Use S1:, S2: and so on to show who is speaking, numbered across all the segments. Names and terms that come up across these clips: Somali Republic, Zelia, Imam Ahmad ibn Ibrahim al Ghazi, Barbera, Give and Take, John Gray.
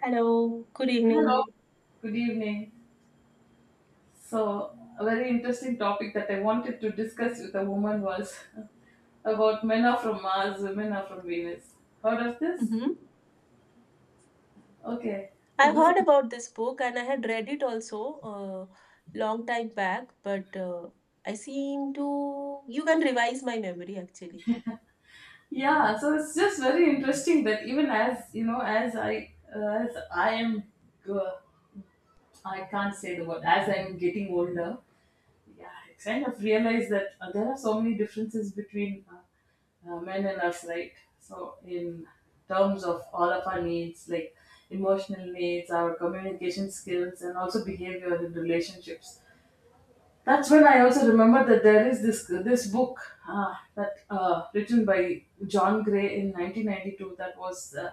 S1: Hello, good
S2: Hello,
S1: evening.
S2: good evening. So, a very interesting topic that I wanted to discuss with a woman was about men are from Mars, women are from Venus. Heard of this?
S1: Mm-hmm.
S2: Okay.
S1: I
S2: So this is
S1: heard about this book and I had read it also uh, long time back, but I seem to you can revise my memory actually.
S2: yeah. So it's just very interesting that even as you know, as I am, uh, I can't say the word. As I'm getting older, yeah, I kind of realized that there are so many differences between men and us, right? So, in terms of all of our needs, like emotional needs, our communication skills, and also behavior in relationships. That's when I also remember that there is this book that written by John Gray in 1992 that was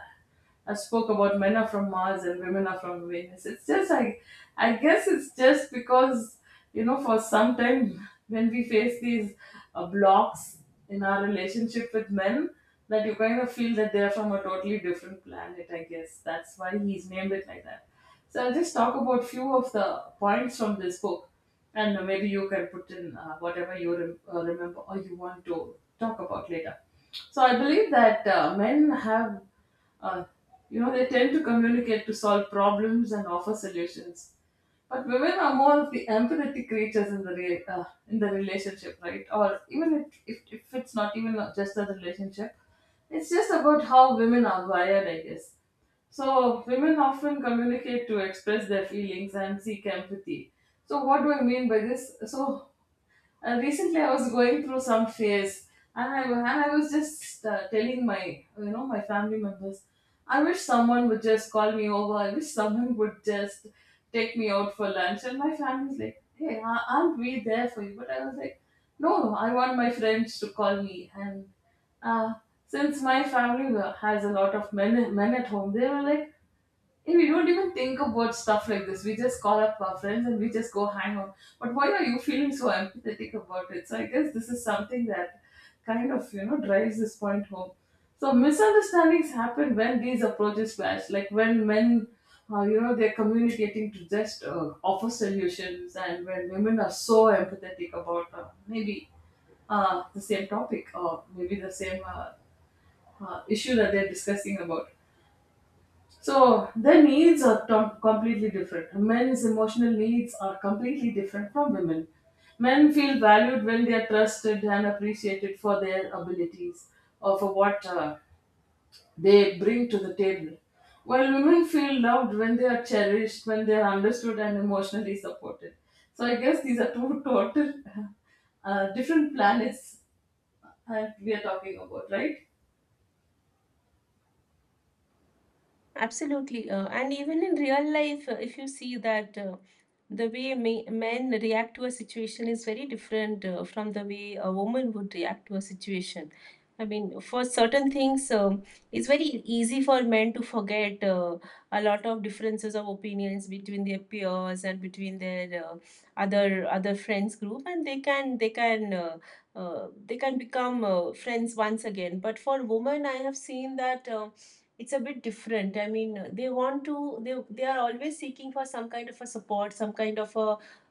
S2: I spoke about men are from Mars and women are from Venus. It's just I guess it's just because you know for some time when we face these blocks in our relationship with men that you kind of feel that they're from a totally different planet. I guess that's why he's named it like that. So I'll just talk about few of the points from this book and maybe you can put in whatever you remember or you want to talk about later. So I believe that men have, uh, you know, they tend to communicate to solve problems and offer solutions. But women are more of the empathetic creatures in the in the relationship, right? Or even if it's not even just a relationship, it's just about how women are wired, I guess. So, women often communicate to express their feelings and seek empathy. So, what do I mean by this? So, recently, I was going through some phase, and I was just telling my you know my family members, I wish someone would just call me over. I wish someone would just take me out for lunch. And my family's like, "Hey, aren't we there for you?" But I was like, "No, I want my friends to call me." And uh, since my family has a lot of men at home, they were like, "And we don't even think about stuff like this. We just call up our friends and we just go hang out. But why are you feeling so empathetic about it?" So I guess this is something that kind of you know drives this point home. So misunderstandings happen when these approaches clash, like when men, you know, they're communicating to just offer solutions, and when women are so empathetic about maybe the same topic or maybe the same issue that they're discussing about. So their needs are completely different. Men's emotional needs are completely different from women. Men feel valued when they are trusted and appreciated for their abilities or for what they bring to the table. While women feel loved when they are cherished, when they are understood and emotionally supported. So I guess these are two total different planets we are talking about, right?
S1: Absolutely. And even in real life, if you see that the way me men react to a situation is very different from the way a woman would react to a situation. I mean, for certain things, it's very easy for men to forget a lot of differences of opinions between their peers and between their other friends group, and they can become friends once again. But for women, I have seen that. It's a bit different. I mean, they want to, they are always seeking for some kind of a support, some kind of a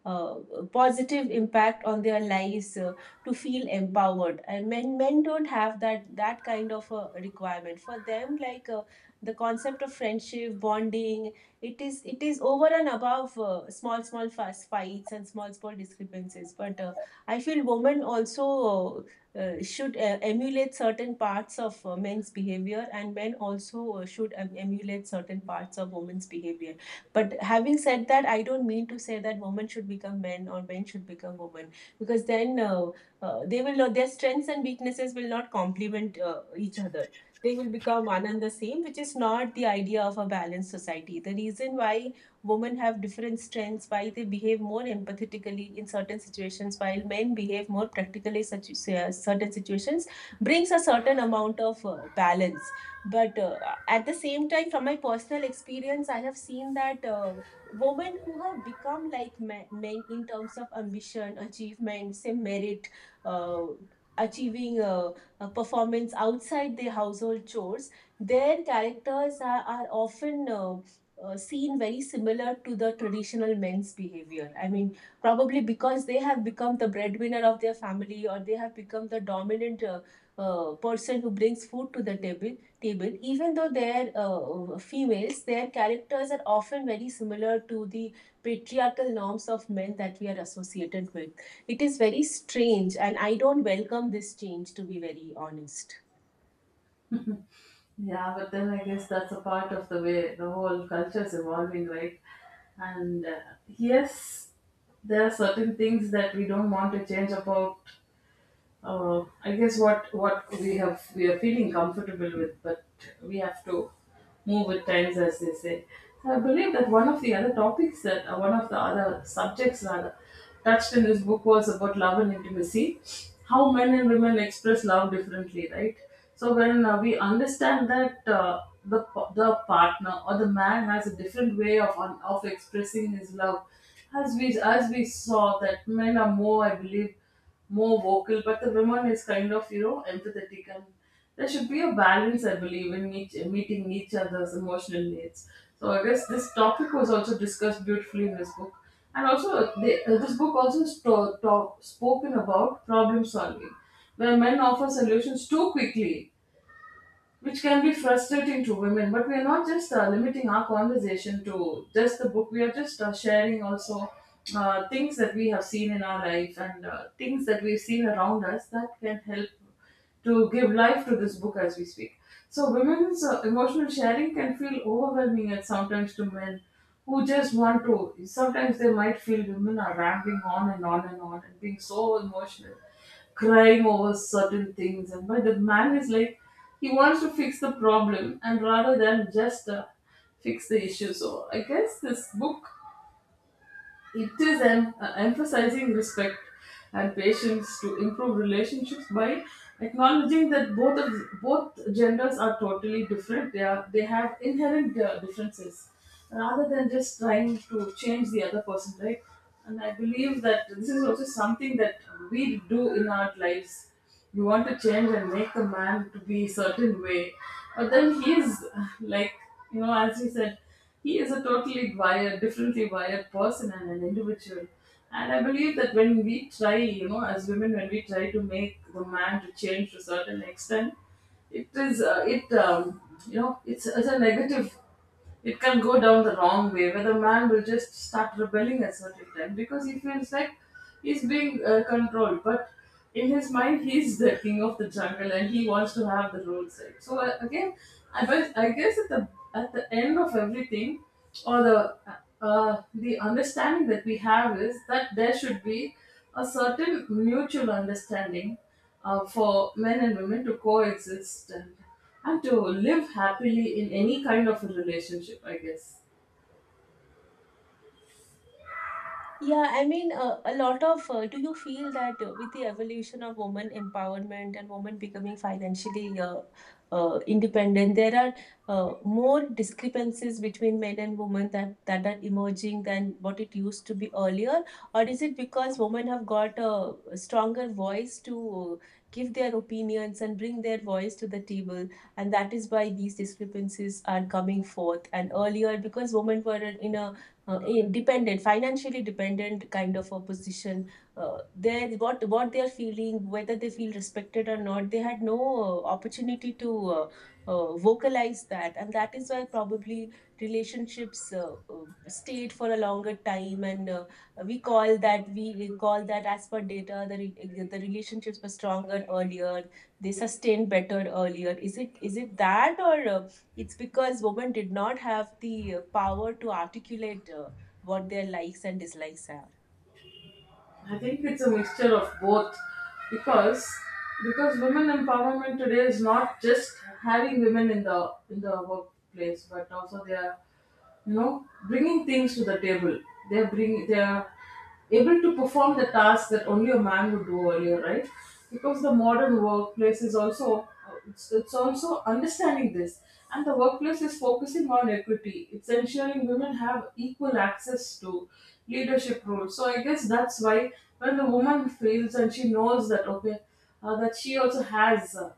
S1: uh, positive impact on their lives to feel empowered, and men don't have that kind of a requirement for them. Like the concept of friendship bonding, it is over and above small small fast fights and small small discrepancies, but I feel women also should emulate certain parts of men's behavior, and men also should emulate certain parts of women's behavior. But having said that, I don't mean to say that women should become men or men should become women, because then they will not, their strengths and weaknesses will not complement each other. They will become one and the same, which is not the idea of a balanced society. The reason why women have different strengths, why they behave more empathetically in certain situations while men behave more practically such certain situations, brings a certain amount of balance. But at the same time, from my personal experience, I have seen that women who have become like men in terms of ambition, achievement, say merit, uh, achieving a performance outside their household chores, their characters are often seen very similar to the traditional men's behavior. I mean, probably because they have become the breadwinner of their family, or they have become the dominant person who brings food to the table, even though they're females, their characters are often very similar to the patriarchal norms of men that we are associated with. It is very strange, and I don't welcome this change, to be very honest.
S2: Yeah, but then I guess that's a part of the way the whole culture is evolving, right? And yes, there are certain things that we don't want to change about I guess what we have we are feeling comfortable with, but we have to move with times, as they say. I believe that one of the other topics that one of the other subjects rather touched in this book was about love and intimacy, how men and women express love differently, right? So when we understand that the the partner or the man has a different way of of expressing his love, as we saw that men are more, I believe more vocal, but the woman is kind of you know empathetic, and there should be a balance, I believe, in each meeting each other's emotional needs. So I guess this topic was also discussed beautifully in this book, and also this book also spoken about problem solving, where men offer solutions too quickly which can be frustrating to women. But we are not just limiting our conversation to just the book. We are just sharing also things that we have seen in our life and things that we've seen around us that can help to give life to this book as we speak. So women's emotional sharing can feel overwhelming at sometimes to men who just want to. Sometimes they might feel women are rambling on and on and on and being so emotional crying over certain things. And but the man is like, he wants to fix the problem and rather than just fix the issue. So I guess this book it is emphasizing respect and patience to improve relationships by acknowledging that both genders are totally different. They have inherent differences, rather than just trying to change the other person, right? And I believe that this is also something that we do in our lives. You want to change and make a man to be a certain way, but then he is like you know, as you said. He is a differently wired person and an individual. And I believe that when we try, you know, as women, when we try to make the man to change to a certain extent, it is, uh, it, um, you know, it's a negative. It can go down the wrong way where the man will just start rebelling at certain time because he feels like he's being controlled. But in his mind, he's the king of the jungle and he wants to have the rules. Right? So again, but I guess at the end of everything, or the understanding that we have is that there should be a certain mutual understanding for men and women to coexist, and to live happily in any kind of a relationship, I guess.
S1: Yeah, I mean, a lot of do you feel that with the evolution of women empowerment and women becoming financially independent, there are more discrepancies between men and women that are emerging than what it used to be earlier? Or is it because women have got a stronger voice to give their opinions and bring their voice to the table, and that is why these discrepancies are coming forth? And earlier, because women were in a independent, financially dependent kind of a position, they, what they are feeling, whether they feel respected or not, they had no opportunity to uh, vocalize that. And that is why probably relationships stayed for a longer time, and we call that as per data, the relationships were stronger earlier, they sustained better earlier. Is it, is it that, or it's because women did not have the power to articulate what their likes and dislikes are.
S2: I think it's a mixture of both, because women empowerment today is not just having women in the workplace, but also they are you know bringing things to the table. They are able to perform the tasks that only a man would do earlier, right? Because the modern workplace is also, it's also understanding this, and the workplace is focusing on equity. It's ensuring women have equal access to leadership roles. So I guess that's why when the woman feels and she knows that okay, that she also has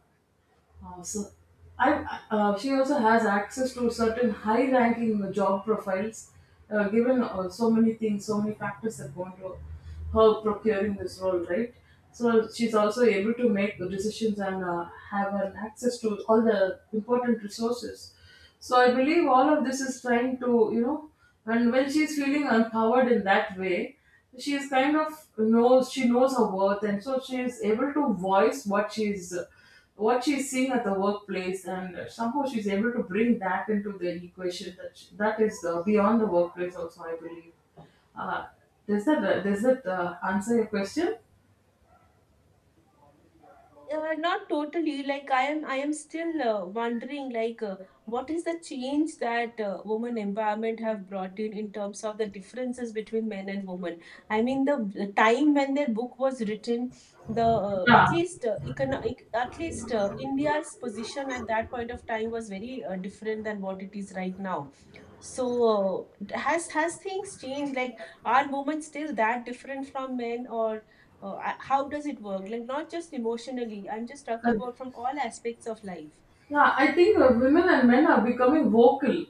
S2: uh, so, I, she also has access to certain high-ranking job profiles, given so many things, so many factors that go into her procuring this role, right? So she's also able to make the decisions and have an access to all the important resources. So I believe all of this is trying to, you know, and when she's feeling empowered in that way, she is kind of knows she knows her worth, and so she is able to voice what she's seeing at the workplace, and somehow she's able to bring that into the equation that sh that is beyond the workplace also, I believe. Uh, does that uh, does that answer your question?
S1: Not totally. Like, I am still wondering, like, what is the change that women empowerment have brought in terms of the differences between men and women? I mean, the time when their book was written, the at
S2: Yeah.
S1: least India's position at that point of time was very different than what it is right now. So, has things changed? Like, are women still that different from men, or how does it work? Like, not just emotionally, I'm just talking about from all aspects of life.
S2: Yeah, I think women and men are becoming vocal.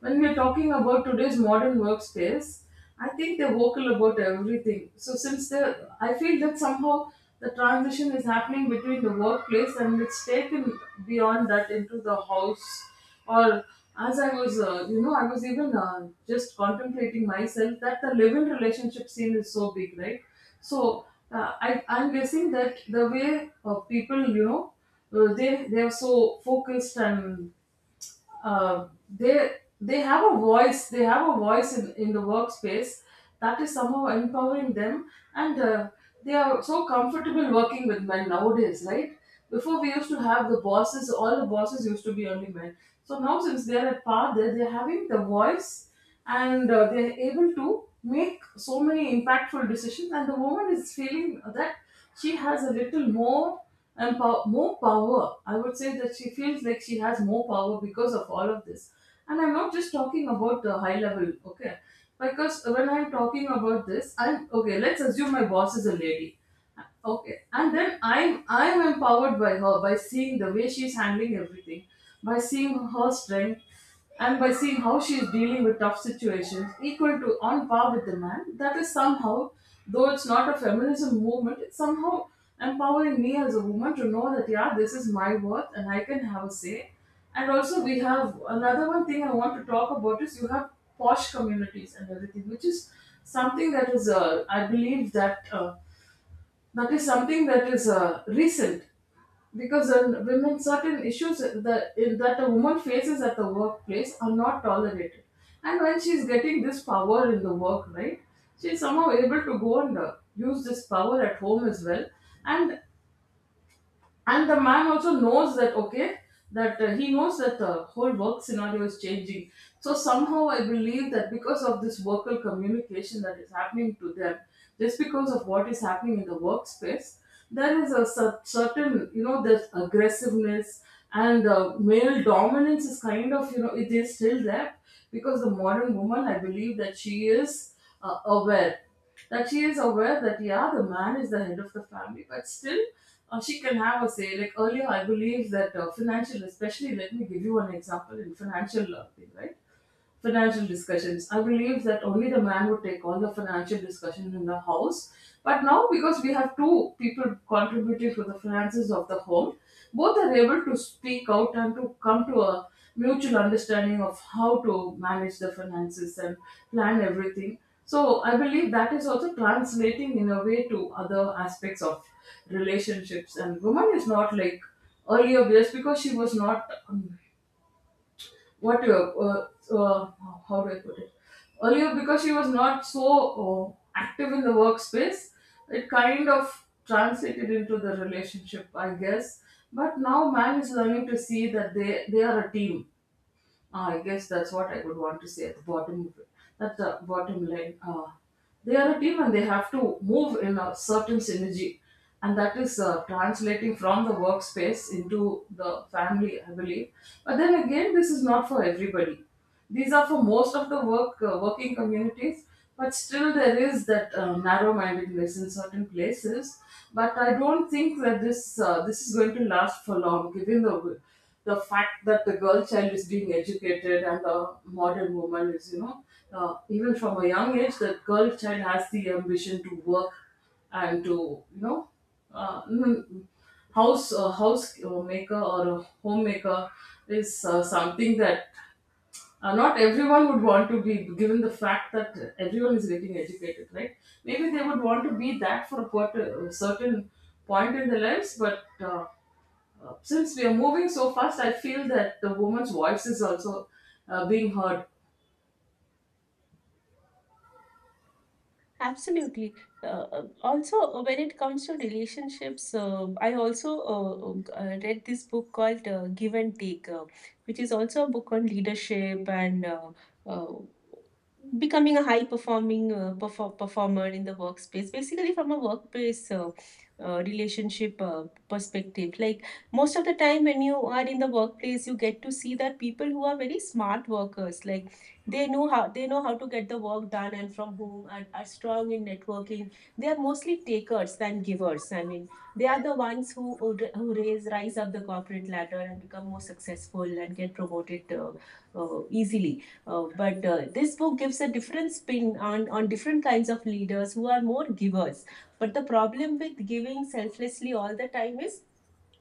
S2: When we're talking about today's modern workspace, I think they're vocal about everything. So I feel that somehow the transition is happening between the workplace and it's taken beyond that into the house. Or as I was, you know, I was even just contemplating myself that the live-in relationship scene is so big, right? So I'm guessing that the way people, you know, they're so focused and they have a voice they have a voice in the workspace that is somehow empowering them, and they are so comfortable working with men nowadays, right? Before we used to have the bosses, all the bosses used to be only men. So now since they're at par, they're having the voice, and they're able to make so many impactful decisions, and the woman is feeling that she has a little more and more power. I would say that she feels like she has more power because of all of this. And I'm not just talking about the high level, okay? Because when I'm talking about this, I'm okay. Let's assume my boss is a lady, okay, and then I'm empowered by her, by seeing the way she's handling everything, by seeing her strength, and by seeing how she's dealing with tough situations equal to, on par with the man. That is somehow, though it's not a feminism movement, it's somehow empowering me as a woman to know that yeah, this is my worth and I can have a say. And also, we have another one thing I want to talk about is you have posh communities and everything, which is something that is I believe that that is something that is recent. Because women, certain issues that a woman faces at the workplace are not tolerated, and when she's getting this power in the work, right, she's somehow able to go and use this power at home as well, and and the man also knows that, okay, that he knows that the whole work scenario is changing. So somehow I believe that because of this vocal communication that is happening to them, just because of what is happening in the workspace, there is a certain, you know, this aggressiveness and male dominance is kind of, you know, it is still there. Because the modern woman, I believe that she is aware, that she is aware that yeah, the man is the head of the family, but still she can have a say. Like earlier, I believe that financial, especially, let me give you an example in financial thing, right? Financial discussions. I believe that only the man would take all the financial discussions in the house. But now, because we have two people contributing to the finances of the home, both are able to speak out and to come to a mutual understanding of how to manage the finances and plan everything. So, I believe that is also translating in a way to other aspects of relationships. And woman is not like earlier, just because she was not what you, so, how do I put it? Earlier, because she was not so active in the workspace, it kind of translated into the relationship, I guess. But now man is learning to see that they are a team. I guess that's what I would want to say at the bottom of it. At the bottom line, they are a team and they have to move in a certain synergy, and that is translating from the workspace into the family, I believe. But then again, this is not for everybody. These are for most of the work, working communities, but still there is that narrow-mindedness in certain places. But I don't think that this this is going to last for long, given the fact that the girl child is being educated and the modern woman is, you know, even from a young age, the girl child has the ambition to work and to, you know, uh, mm, house a house maker, or a homemaker, is something that not everyone would want to be, given the fact that everyone is getting educated, right? Maybe they would want to be that for a certain point in their lives, but since we are moving so fast, I feel that the woman's voice is also being heard.
S1: Absolutely. When it comes to relationships, I also read this book called Give and Take, which is also a book on leadership and uh, becoming a high performing performer in the workspace, basically from a workplace relationship perspective. Like, most of the time when you are in the workplace, you get to see that people who are very smart workers, like, they know how to get the work done and from whom, and are strong in networking, they are mostly takers than givers. I mean, they are the ones who raise rise up the corporate ladder and become more successful and get promoted easily. But this book gives a different spin on different kinds of leaders who are more givers. But the problem with giving selflessly all the time is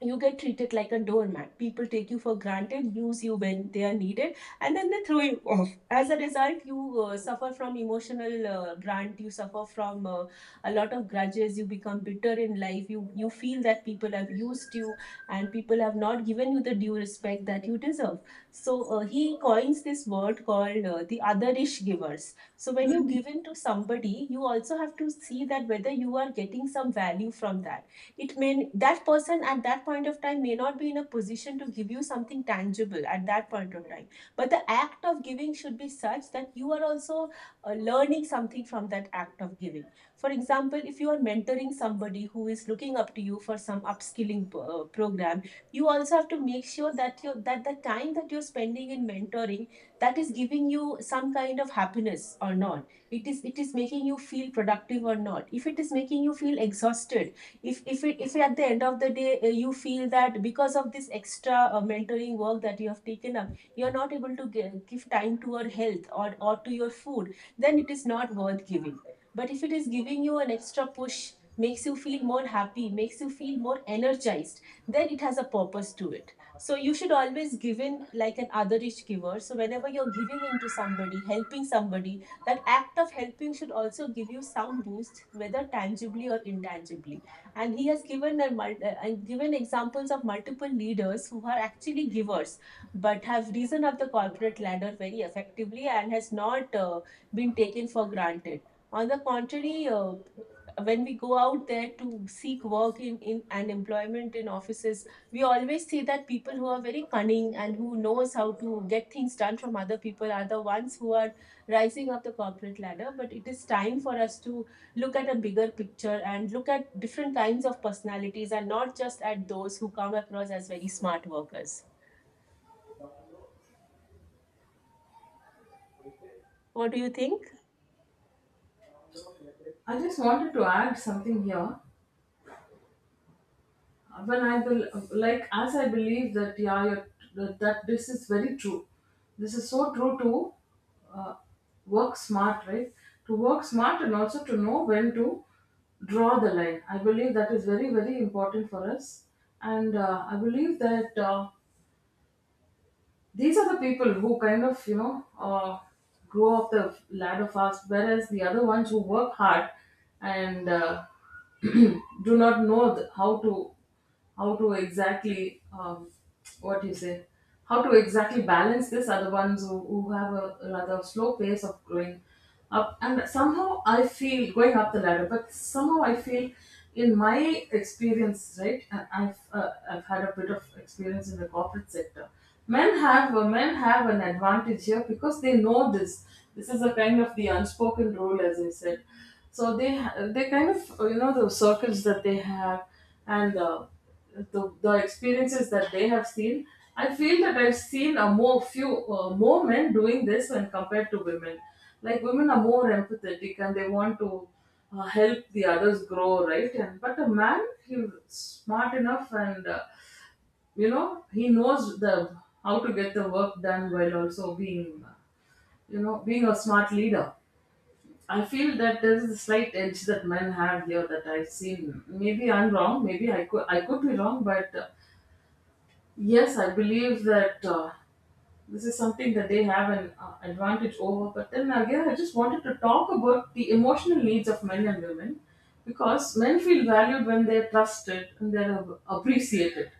S1: you get treated like a doormat. People take you for granted, use you when they are needed, and then they throw you off. As a result, you suffer from emotional grant. You suffer from a lot of grudges. You become bitter in life. You feel that people have used you and people have not given you the due respect that you deserve. So he coins this word called the otherish givers. So when you give in to somebody, you also have to see that whether you are getting some value from that. It may, that person at that point of time may not be in a position to give you something tangible at that point of time, but the act of giving should be such that you are also learning something from that act of giving. For example, if you are mentoring somebody who is looking up to you for some upskilling program, you also have to make sure that you, that the time that you're spending in mentoring, that is giving you some kind of happiness or not, it is, it is making you feel productive or not. If it is making you feel exhausted, if at the end of the day you feel that because of this extra mentoring work that you have taken up, you're not able to give time to your health or to your food, then it is not worth giving. But if it is giving you an extra push, makes you feel more happy, makes you feel more energized, then it has a purpose to it. So you should always give in like an otherish giver. So whenever you're giving into somebody, helping somebody, that act of helping should also give you some boost, whether tangibly or intangibly. And he has given a and given examples of multiple leaders who are actually givers but have risen up the corporate ladder very effectively and has not been taken for granted. On the contrary, when we go out there to seek work in and employment in offices, we always see that people who are very cunning and who knows how to get things done from other people are the ones who are rising up the corporate ladder. But it is time for us to look at a bigger picture and look at different kinds of personalities, and not just at those who come across as very smart workers. What do you think?
S2: I just wanted to add something here. When I bel Like, as I believe that yeah, you're, that this is very true. This is so true. To uh, work smart, right? To work smart and also to know when to draw the line. I believe that is very, very important for us, and I believe that. These are the people who kind of, you know, grow up the ladder fast, whereas the other ones who work hard and do not know how to exactly what you say, how to exactly balance this are the ones who have a rather slow pace of growing up and somehow, I feel, going up the ladder. But somehow I feel, in my experience, right, and I've had a bit of experience in the corporate sector, men have an advantage here because they know this. This is a kind of the unspoken rule, as I said. So they kind of, you know, the circles that they have and the experiences that they have seen, I feel that I've seen a more men doing this when compared to women. Like women are more empathetic and they want to help the others grow, right? And but a man, he's smart enough and you know, he knows the how to get the work done while also being you know, being a smart leader. I feel that there is a slight edge that men have here that I've seen. Maybe I'm wrong. Maybe I could be wrong, but yes, I believe that this is something that they have an advantage over. But then again, I just wanted to talk about the emotional needs of men and women, because men feel valued when they're trusted and they're appreciated.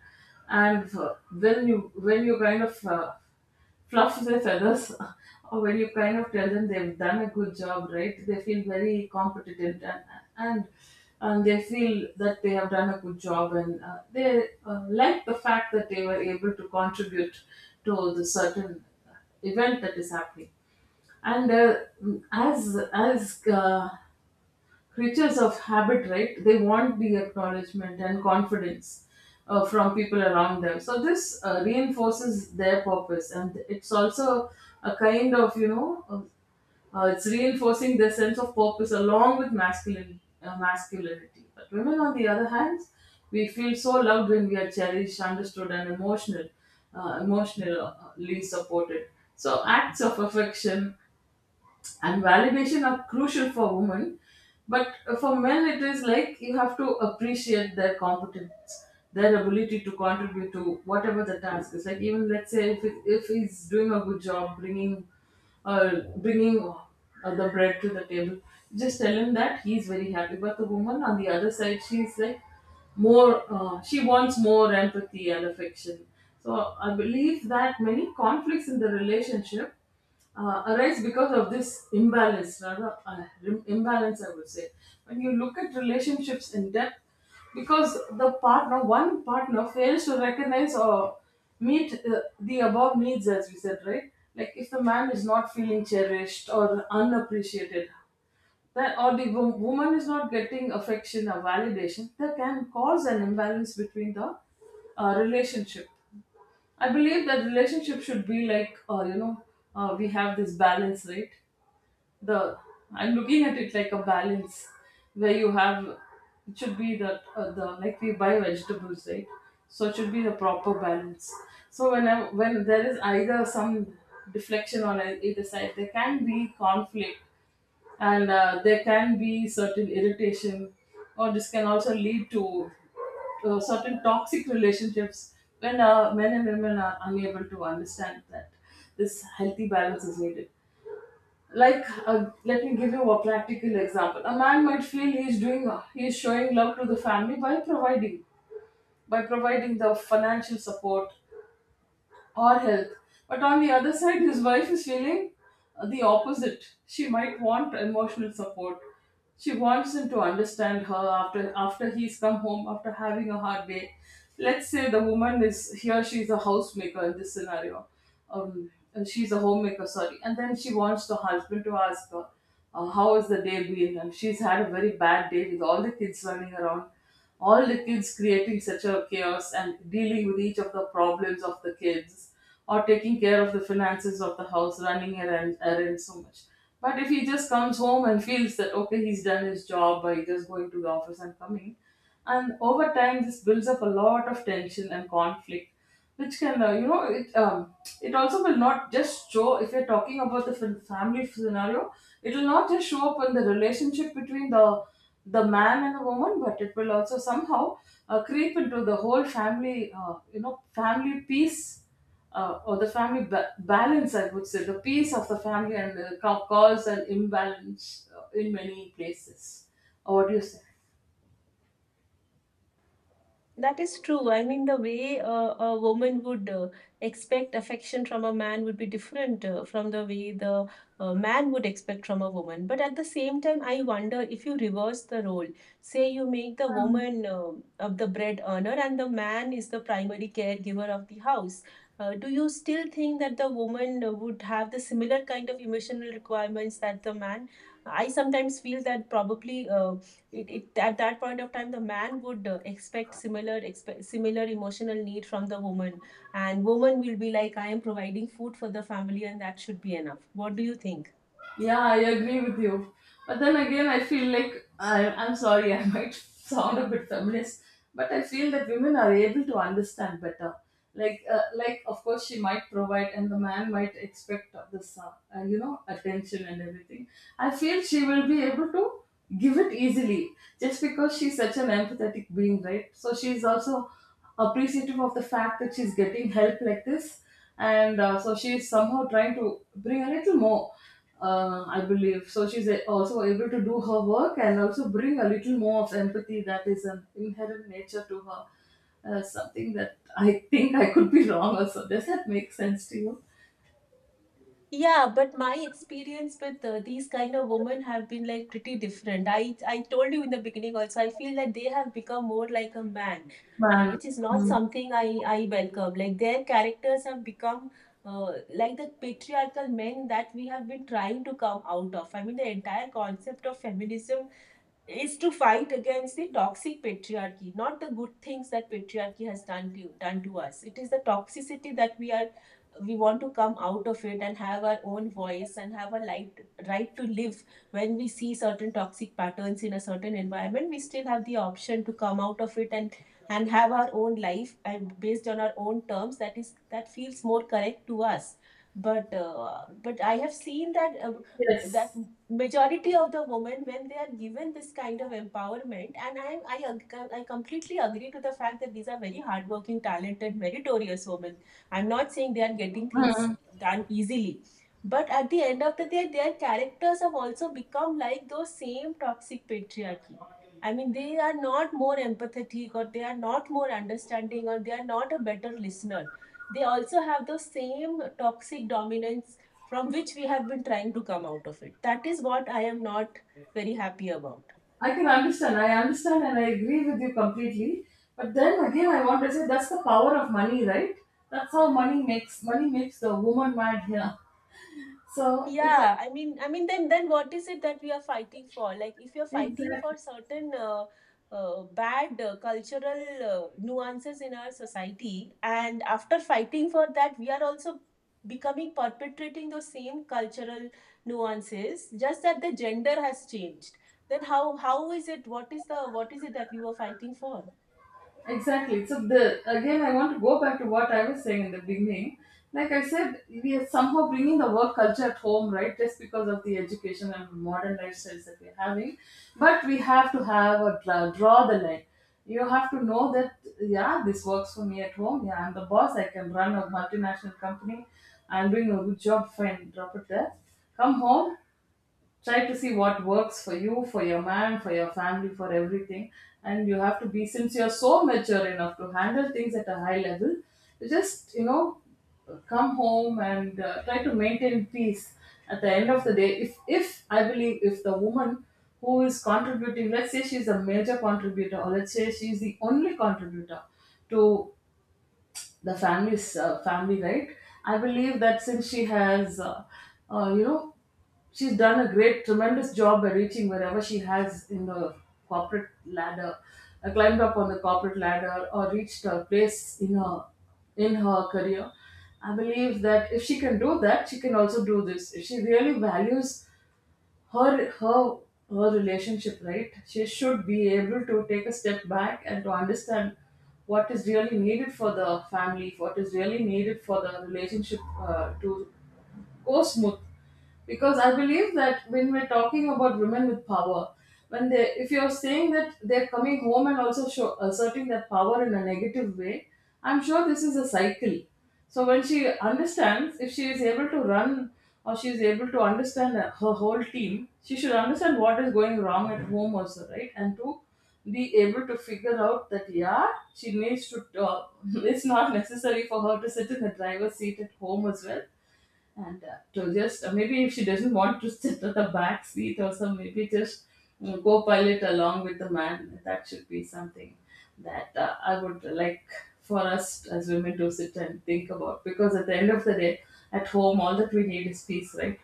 S2: And when you kind of, flops their feathers, or when you kind of tell them they've done a good job, right? They feel very competent, and and, and they feel that they have done a good job, and they like the fact that they were able to contribute to the certain event that is happening. And as creatures of habit, right? They want the acknowledgement and confidence from people around them. So this reinforces their purpose, and it's also a kind of, you know, it's reinforcing their sense of purpose along with masculine, masculinity. But women, on the other hand, we feel so loved when we are cherished, understood, and emotional, emotionally supported. So acts of affection and validation are crucial for women. But for men, it is like you have to appreciate their competence, their ability to contribute to whatever the task is. Like, even let's say if, it, if he's doing a good job bringing uh, bringing the bread to the table, just tell him that he's very happy. But the woman on the other side, she's like more, she wants more empathy and affection. So I believe that many conflicts in the relationship arise because of this imbalance, rather, imbalance, I would say. When you look at relationships in depth, because the partner, one partner, fails to recognize or meet the above needs, as we said, right? Like if the man is not feeling cherished or unappreciated, that, or the woman is not getting affection or validation, that can cause an imbalance between the, relationship. I believe that relationship should be like, you know, we have this balance, right? The I'm looking at it like a balance where you have, it should be that the like we buy vegetables, right? So it should be the proper balance. So when when there is either some deflection on either side, there can be conflict, and there can be certain irritation, or this can also lead to certain toxic relationships, when men and women are unable to understand that this healthy balance is needed. Like let me give you a practical example. A man might feel he's showing love to the family by providing, by providing the financial support or health. But on the other side, his wife is feeling the opposite. She might want emotional support. She wants him to understand her after, he's come home after having a hard day. Let's say the woman is here; she's a housemaker in this scenario. And she's a homemaker, sorry. And then she wants the husband to ask her, "How has the day been?" And she's had a very bad day, with all the kids running around, all the kids creating such a chaos, and dealing with each of the problems of the kids, or taking care of the finances of the house, running errands so much. But if he just comes home and feels that okay, he's done his job by just going to the office and coming, and over time this builds up a lot of tension and conflict, which can, you know, it also will not just show, if you're talking about the family scenario, it will not just show up in the relationship between the man and the woman, but it will also somehow creep into the whole family, you know, family peace, or the family balance, I would say, the peace of the family, and cause an imbalance in many places. Or what do you say?
S1: That is true. I mean, the way a woman would expect affection from a man would be different from the way the man would expect from a woman. But at the same time, I wonder if you reverse the role. Say you make the woman of the bread earner and the man is the primary caregiver of the house. Do you still think that the woman would have the similar kind of emotional requirements that the man? I sometimes feel that probably, it at that point of time the man would expect similar emotional need from the woman, and woman will be like, I am providing food for the family and that should be enough. What do you think?
S2: Yeah, I agree with you. But then again, I feel like I'm sorry, I might sound a bit feminist, but I feel that women are able to understand better. Like of course, she might provide, and the man might expect this, attention and everything. I feel she will be able to give it easily just because she's such an empathetic being, right? So she's also appreciative of the fact that she's getting help like this, and so she's somehow trying to bring a little more I believe, so also able to do her work and also bring a little more of empathy that is an inherent nature to her. Something that I think I could be wrong. Also, does that make sense to you,
S1: Yeah, but my experience with these kind of women have been like pretty different. I told you in the beginning also, I feel that they have become more like a man,
S2: man?
S1: and which is not
S2: Mhm.
S1: something I welcome. Like, their characters have become uh, like the patriarchal men that we have been trying to come out of. I mean, the entire concept of feminism is to fight against the toxic patriarchy, not the good things that patriarchy has done to us. It is the toxicity that we want to come out of, it and have our own voice and have a right to live. When we see certain toxic patterns in a certain environment, we still have the option to come out of it and have our own life, and based on our own terms, that is, that feels more correct to us. But but I have seen that that
S2: Yes.
S1: majority of the women, when they are given this kind of empowerment, and I completely agree to the fact that these are very hardworking, talented, meritorious women, I'm not saying they are getting things done easily, but at the end of the day their characters have also become like those same toxic patriarchy. I mean, they are not more empathetic, or they are not more understanding, or they are not a better listener. They also have those same toxic dominance from which we have been trying to come out of. It. That is what I am not very happy about.
S2: I can understand. I understand and I agree with you completely. But then again, I want to say that's the power of money, right? That's how money makes the woman mad here. So it's
S1: Yeah,
S2: a-
S1: I mean, I mean, then then what is it that we are fighting for? Like, if you're fighting for
S2: exactly.
S1: certain bad cultural nuances in our society, and after fighting for that, we are also becoming, perpetrating those same cultural nuances, just that the gender has changed, then how is it? What is the, what is it that we were fighting for?
S2: Exactly. So the again, I want to go back to what I was saying in the beginning. Like I said, we are somehow bringing the work culture at home, right? Just because of the education and modern lifestyles that we're having, but we have to have a draw the line. You have to know that, yeah, this works for me at home. Yeah, I'm the boss. I can run a multinational company. I'm doing a good job. Fine, drop it there. Come home, try to see what works for you, for your man, for your family, for everything. And you have to be, since you're so mature enough to handle things at a high level, you just, you know, come home and try to maintain peace. At the end of the day, if I believe, if the woman who is contributing, let's say she's a major contributor, or let's say she's the only contributor to the family, right? I believe that since she has, uh, you know, she's done a great, tremendous job by reaching wherever she has in the corporate ladder, climbed up on the corporate ladder, or reached a place in her career. I believe that if she can do that, she can also do this. If she really values her her relationship, right? She should be able to take a step back and to understand what is really needed for the family, what is really needed for the relationship, to go smooth. Because I believe that when we're talking about women with power, when they, if you're saying that they're coming home and also asserting that power in a negative way, I'm sure this is a cycle. So when she understands, if she is able to run or she is able to understand her whole team, she should understand what is going wrong at home also, right? And to be able to figure out that, yeah, she needs to uh, it's not necessary for her to sit in the driver's seat at home as well. And to just maybe if she doesn't want to sit at the back seat, or some, maybe just go pilot along with the man. That should be something that I would like for us as women to sit and think about, because at the end of the day, at home, all that we need is peace, right?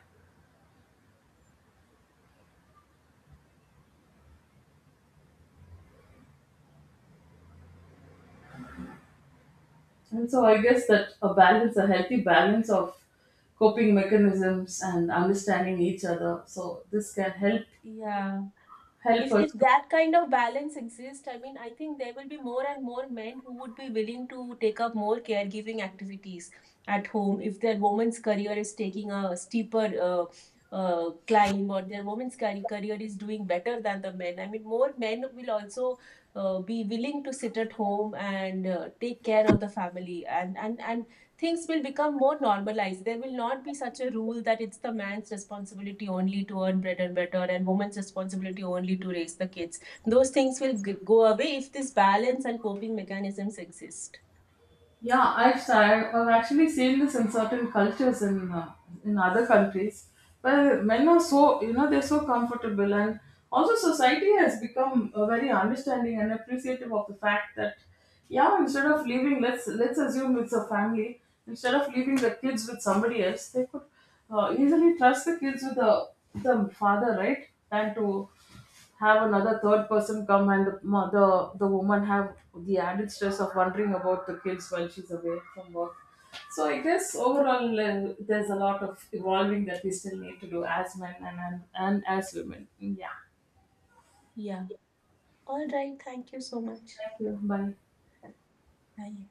S2: And so I guess that a balance, a healthy balance of coping mechanisms and understanding each other, so this can help
S1: Yeah.
S2: help
S1: If
S2: us.
S1: that kind of balance exists, I mean, I think there will be more and more men who would be willing to take up more caregiving activities at home, if their woman's career is taking a steeper climb, or their career is doing better than the men. I mean, more men will also be willing to sit at home and take care of the family, and things will become more normalized. There will not be such a rule that it's the man's responsibility only to earn bread and butter and woman's responsibility only to raise the kids. Those things will go away if this balance and coping mechanisms exist.
S2: Yeah, started, I've actually seen this in certain cultures in other countries where men are, so you know, they're so comfortable, and also society has become very understanding and appreciative of the fact that, yeah, instead of leaving, let's assume it's a family, instead of leaving the kids with somebody else, they could easily trust the kids with the father, right, than to have another third person come. And the woman have the added stress of wondering about the kids while she's away from work. So I guess overall, there's a lot of evolving that we still need to do as men and as women. Yeah,
S1: Yeah. All right. Thank you so much.
S2: thank you, bye.
S1: Bye.